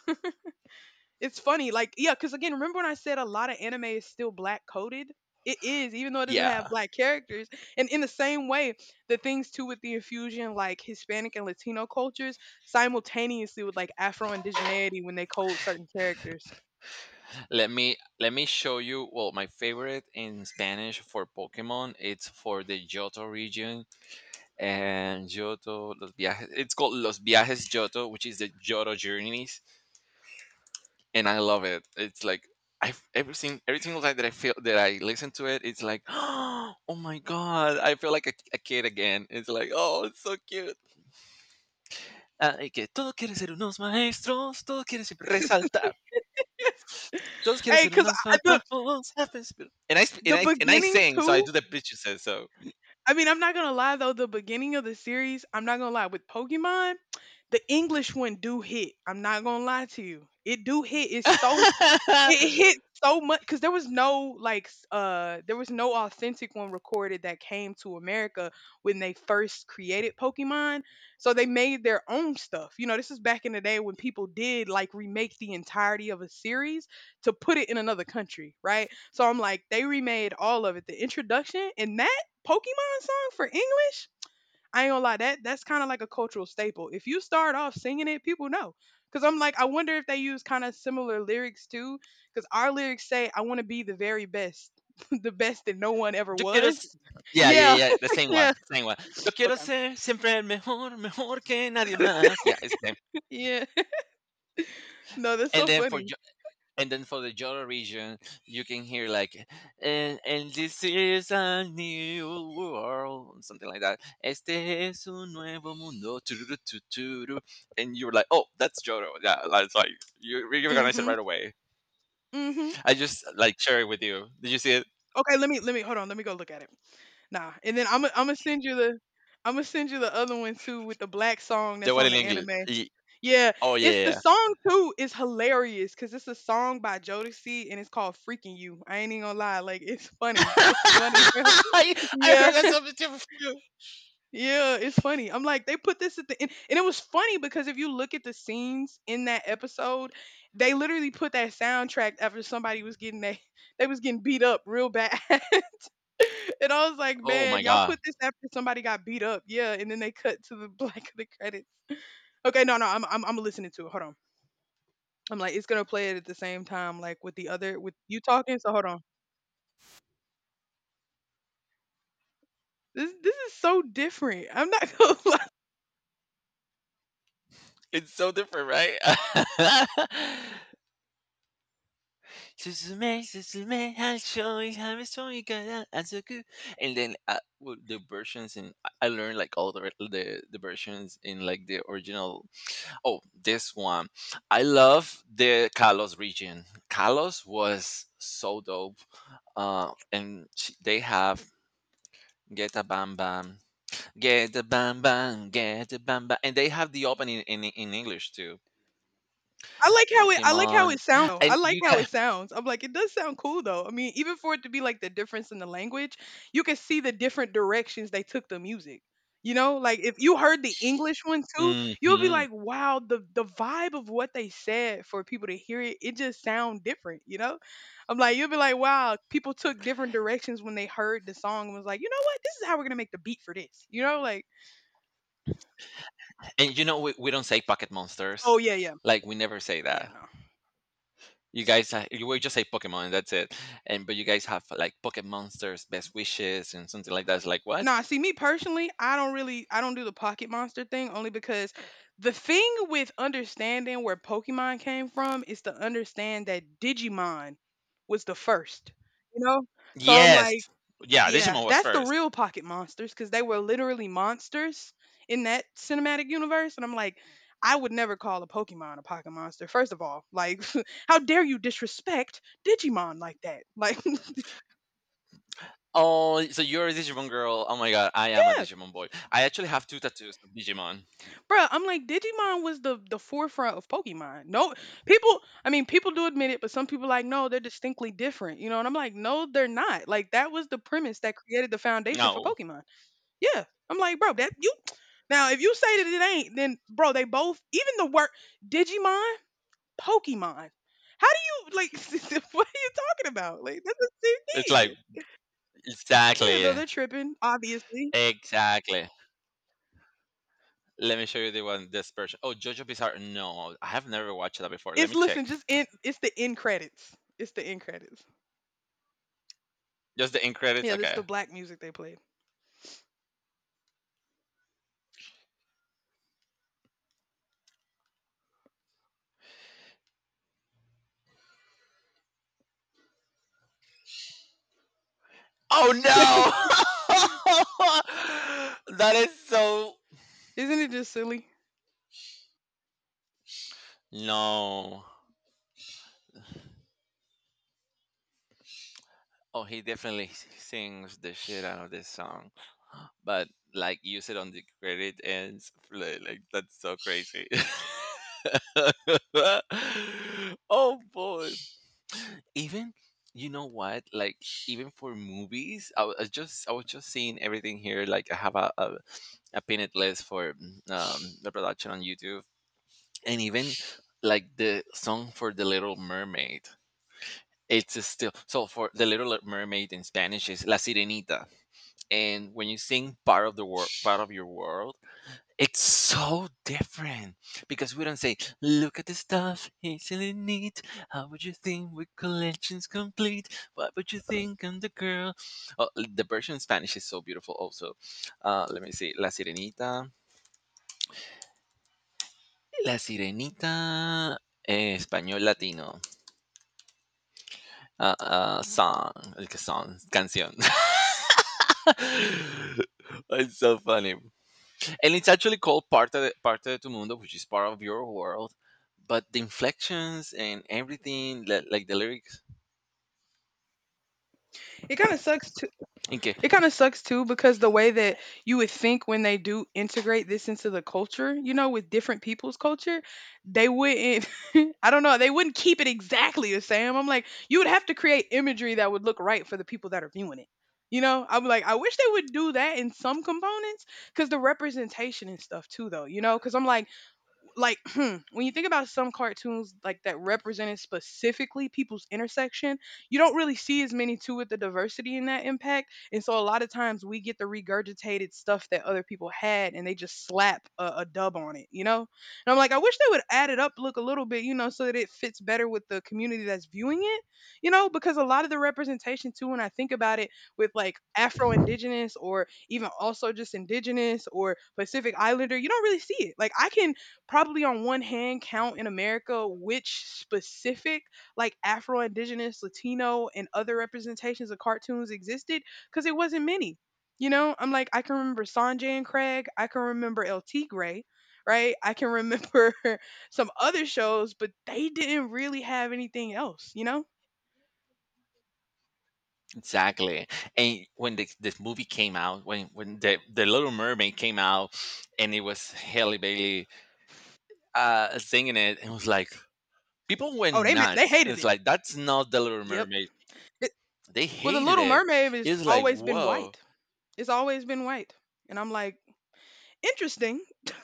Speaker 1: It's funny, like yeah, because again, remember when I said a lot of anime is still black coded? It is, even though it doesn't
Speaker 2: Yeah.
Speaker 1: have black characters. And in the same way, the things too with the infusion, like Hispanic and Latino cultures, simultaneously with like Afro indigeneity when they code certain characters.
Speaker 2: Let me show you. Well, my favorite in Spanish for Pokemon, it's for the Johto region and Johto Los Viajes. It's called Los Viajes Johto, which is the Johto journeys. And I love it. It's like I everything every single time that I feel that I listen to it, it's like, oh my god, I feel like a kid again. It's like, oh, it's so cute. Ah, y que todos quieren ser unos maestros, todos quieren siempre resaltar, todos quieren
Speaker 1: Hey,
Speaker 2: ser
Speaker 1: because
Speaker 2: unos
Speaker 1: the
Speaker 2: fantasmas. And I sp- and
Speaker 1: the
Speaker 2: I and I
Speaker 1: beginning
Speaker 2: sing, so I
Speaker 1: too.
Speaker 2: do the pitch you said so.
Speaker 1: I mean, I'm not gonna lie though, the beginning of the series, I'm not gonna lie, with Pokemon, the English one do hit. I'm not gonna lie to you. It do hit. It's so it hit so much because there was no like there was no authentic one recorded that came to America when they first created Pokemon. So they made their own stuff. You know, this is back in the day when people did like remake the entirety of a series to put it in another country, right? So I'm like, they remade all of it. The introduction and that Pokemon song for English, I ain't gonna lie, that's kind of like a cultural staple. If you start off singing it, people know. Cause I'm like, I wonder if they use kind of similar lyrics too. Cause our lyrics say, "I want to be the very best, the best that no one ever
Speaker 2: Yo quiero,
Speaker 1: was."
Speaker 2: yeah,
Speaker 1: Yeah,
Speaker 2: yeah, yeah, the same one,
Speaker 1: yeah.
Speaker 2: same one. Yo quiero
Speaker 1: Okay.
Speaker 2: ser siempre el mejor, mejor que nadie más. Yeah, it's the same.
Speaker 1: Yeah. No, that's
Speaker 2: And
Speaker 1: so
Speaker 2: then for
Speaker 1: funny.
Speaker 2: the Joro region, you can hear like, and this is a new world, something like that. Este es un nuevo mundo, tururu, tu, turu. And you're like, oh, that's Joro. Yeah, like, it's like you recognize it
Speaker 1: Mhm.
Speaker 2: right away.
Speaker 1: Mhm.
Speaker 2: I just like share it with you. Did you see it?
Speaker 1: Okay, let me hold on. Let me go look at it. Nah, And then I'm gonna send you the I'm gonna send you the other one too with the black song
Speaker 2: The
Speaker 1: that's
Speaker 2: one
Speaker 1: on
Speaker 2: in
Speaker 1: the
Speaker 2: English.
Speaker 1: anime. Yeah,
Speaker 2: Oh
Speaker 1: it's
Speaker 2: yeah.
Speaker 1: the
Speaker 2: Yeah.
Speaker 1: song too is hilarious because it's a song by Jodeci and it's called "Freaking You." I ain't even gonna lie, like it's funny. It's funny, bro.
Speaker 2: I, I
Speaker 1: Yeah,
Speaker 2: heard that something different too.
Speaker 1: yeah, it's funny. I'm like they put this at the end, and it was funny because if you look at the scenes in that episode, they literally put that soundtrack after somebody was getting they they was getting beat up real bad, and I was like,
Speaker 2: Oh
Speaker 1: man,
Speaker 2: my
Speaker 1: y'all put
Speaker 2: god,
Speaker 1: this after somebody got beat up, yeah, and then they cut to the black of the credits. Okay, no, no, I'm listening to it. Hold on. I'm like, it's gonna play it at the same time, like, with the other with you talking, so hold on. This is so different. I'm not gonna lie.
Speaker 2: it's so different, right? Suzume, Suzume, I'll show you how it's so you got Azuku. And then well, the versions in I learned like all the versions in like the original. Oh, this one, I love the Kalos region. Kalos was so dope. And they have Get a Bam Bam, Get a Bam Bam, Get a Bam Bam, and they have the opening in English too.
Speaker 1: I like how
Speaker 2: Pokemon,
Speaker 1: it sounds. I
Speaker 2: and
Speaker 1: like
Speaker 2: you
Speaker 1: how
Speaker 2: got.
Speaker 1: it sounds. I'm like, it does sound cool though. I mean, even for it to be like the difference in the language, you can see the different directions they took the music. You know, like if you heard the English one too, you'll be
Speaker 2: Hmm.
Speaker 1: like, wow, the vibe of what they said for people to hear it, it just sound different, you know? I'm like, you'll be like, wow, people took different directions when they heard the song and was like, you know what? This is how we're gonna make the beat for this. You know, like,
Speaker 2: And you know, we don't say pocket monsters.
Speaker 1: oh yeah, yeah.
Speaker 2: Like we never say
Speaker 1: Yeah,
Speaker 2: that.
Speaker 1: no.
Speaker 2: You guys, you will just say Pokemon, and that's it. And but you guys have like pocket monsters, best wishes, and something like that. It's like what?
Speaker 1: Nah, See me personally, I don't do the pocket monster thing only because the thing with understanding where Pokemon came from is to understand that Digimon was the first. You know? So I'm
Speaker 2: Yes,
Speaker 1: like,
Speaker 2: yeah.
Speaker 1: yeah,
Speaker 2: Digimon was
Speaker 1: that's the
Speaker 2: first.
Speaker 1: real pocket monsters because they were literally monsters in that cinematic universe. And I'm like, I would never call a Pokemon a pocket monster. First of all, like, how dare you disrespect Digimon like that? Like,
Speaker 2: Oh, so you're a Digimon girl? Oh my god, I am a Digimon boy. I actually have two tattoos of Digimon.
Speaker 1: bruh, I'm like Digimon was the forefront of Pokemon. No, people, I mean, people do admit it, but some people like, no, they're distinctly different, you know. And I'm like, no, they're not. Like that was the premise that created the foundation for
Speaker 2: No,
Speaker 1: Pokemon. Yeah, I'm like, bro, that you. Now, if you say that it ain't, then bro, they both, even the word Digimon, Pokemon. How do you like? What are you talking about? Like that's the
Speaker 2: it's like
Speaker 1: same thing. Yeah, no,
Speaker 2: exactly,
Speaker 1: they're tripping. Obviously,
Speaker 2: exactly. Let me show you the one this version. Oh, JoJo Bizarre. No, I have never watched that before. Let
Speaker 1: it's
Speaker 2: me check.
Speaker 1: listen, just in. It's the end credits. It's the end credits.
Speaker 2: Just the end credits.
Speaker 1: Yeah, this is
Speaker 2: Okay.
Speaker 1: the black music they played.
Speaker 2: Oh no! That is so
Speaker 1: Isn't it just silly?
Speaker 2: no. Oh, he definitely sings the shit out of this song, but like use it on the credit ends. That's so crazy. Oh boy! Even you know what? Like even for movies, I was just seeing everything here. Like I have a pinned list for the production on YouTube and even like the song for the little mermaid, it's still so, for the little mermaid in spanish is la sirenita, and when you sing part of the world, part of your world, it's so different because we don't say look at the stuff it's really neat, how would you think with collections complete, what would you think, I'm the girl. Oh, the version in spanish is so beautiful also. Let me see la sirenita, la sirenita, eh, español latino. Song, like a song, canción. It's so funny, and it's actually called parte de tu mundo, which is part of your world. But the inflections and everything, like the lyrics,
Speaker 1: It kind of sucks too.
Speaker 2: okay,
Speaker 1: It kind of sucks too because the way that you would think when they do integrate this into the culture, you know, with different people's culture, they wouldn't. I don't know. They wouldn't keep it exactly the same. I'm like, you would have to create imagery that would look right for the people that are viewing it. You know, I'm like, I wish they would do that in some components because the representation and stuff too, though. You know, because I'm like when you think about some cartoons like that represented specifically people's intersection, you don't really see as many too with the diversity in that impact. And so a lot of times we get the regurgitated stuff that other people had and they just slap a dub on it, you know? And I'm like, I wish they would add it up look a little bit, you know, so that it fits better with the community that's viewing it, you know, because a lot of the representation too, when I think about it with like Afro Indigenous or even also just Indigenous or Pacific Islander, you don't really see it. Like I can probably on one hand count in America which specific like Afro Indigenous, Latino, and other representations of cartoons existed because it wasn't many. You know, I'm like, I can remember Sanjay and Craig, I can remember El Tigre, right? I can remember some other shows, but they didn't really have anything else, you know?
Speaker 2: exactly. And when this movie came out, when the Little Mermaid came out, and it was Halle Bailey singing it, and it was like people
Speaker 1: Oh,
Speaker 2: went
Speaker 1: they ma- they
Speaker 2: nuts.
Speaker 1: hated
Speaker 2: It's
Speaker 1: it.
Speaker 2: like that's not the Little
Speaker 1: Yep.
Speaker 2: Mermaid.
Speaker 1: It,
Speaker 2: They
Speaker 1: well, the
Speaker 2: hated
Speaker 1: Little
Speaker 2: it.
Speaker 1: Mermaid has
Speaker 2: It's like
Speaker 1: always been
Speaker 2: whoa.
Speaker 1: white. It's always been white, and I'm like, interesting.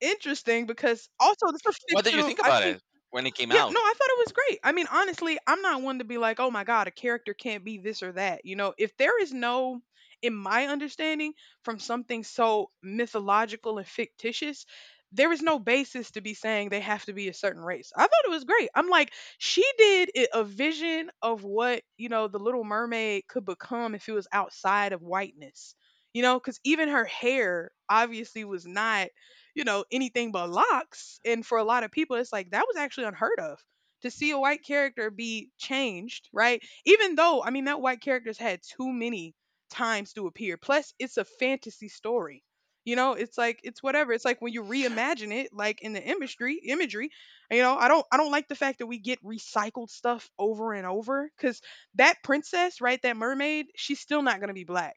Speaker 1: Interesting because also this is a
Speaker 2: What did you
Speaker 1: fictional
Speaker 2: think
Speaker 1: I
Speaker 2: about
Speaker 1: think
Speaker 2: it when it came
Speaker 1: yeah, no,
Speaker 2: out?
Speaker 1: I thought it was great. I mean, honestly, I'm not one to be like, oh my God, a character can't be this or that. You know, if there is no, in my understanding, from something so mythological and fictitious, there is no basis to be saying they have to be a certain race. I thought it was great. I'm like, she did I- a vision of what, you know, the little mermaid could become if it was outside of whiteness, you know, because even her hair obviously was not you know, anything but locks. And for a lot of people, it's like that was actually unheard of to see a white character be changed, right? Even though, I mean, that white character's had too many times to appear. Plus, it's a fantasy story. You know, it's like it's whatever. It's like when you reimagine it, like in the imagery, imagery. You know, I don't like the fact that we get recycled stuff over and over. Because that princess, right, that mermaid, she's still not gonna be black.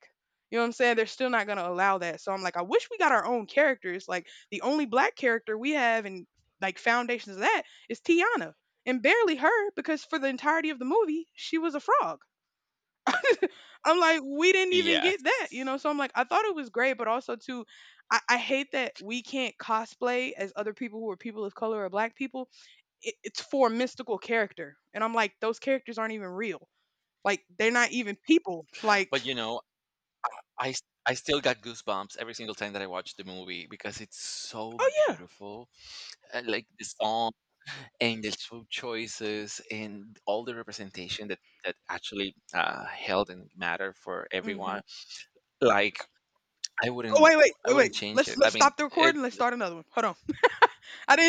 Speaker 1: You know what I'm saying? They're still not gonna allow that. So I'm like, I wish we got our own characters, like the only black character we have in like foundations of that is Tiana. And barely her because for the entirety of the movie, she was a frog. I'm like, we didn't even
Speaker 2: Yes.
Speaker 1: get that, you know? So I'm like, I thought it was great, but also too, I hate that we can't cosplay as other people who are people of color or black people. It's for a mystical character. And I'm like, those characters aren't even real. Like, they're not even people. Like,
Speaker 2: But you know, I still got goosebumps every single time that I watch the movie because it's so
Speaker 1: oh yeah.
Speaker 2: beautiful. Like the song and the food choices and all the representation that actually held and matter for
Speaker 1: Hmm.
Speaker 2: everyone. Like I
Speaker 1: Oh
Speaker 2: wouldn't
Speaker 1: wait, wait,
Speaker 2: I
Speaker 1: wait, wait.
Speaker 2: wouldn't change
Speaker 1: Let's
Speaker 2: it. I
Speaker 1: let's
Speaker 2: mean,
Speaker 1: stop the
Speaker 2: it.
Speaker 1: recording. Let's start another one. Hold on. I didn't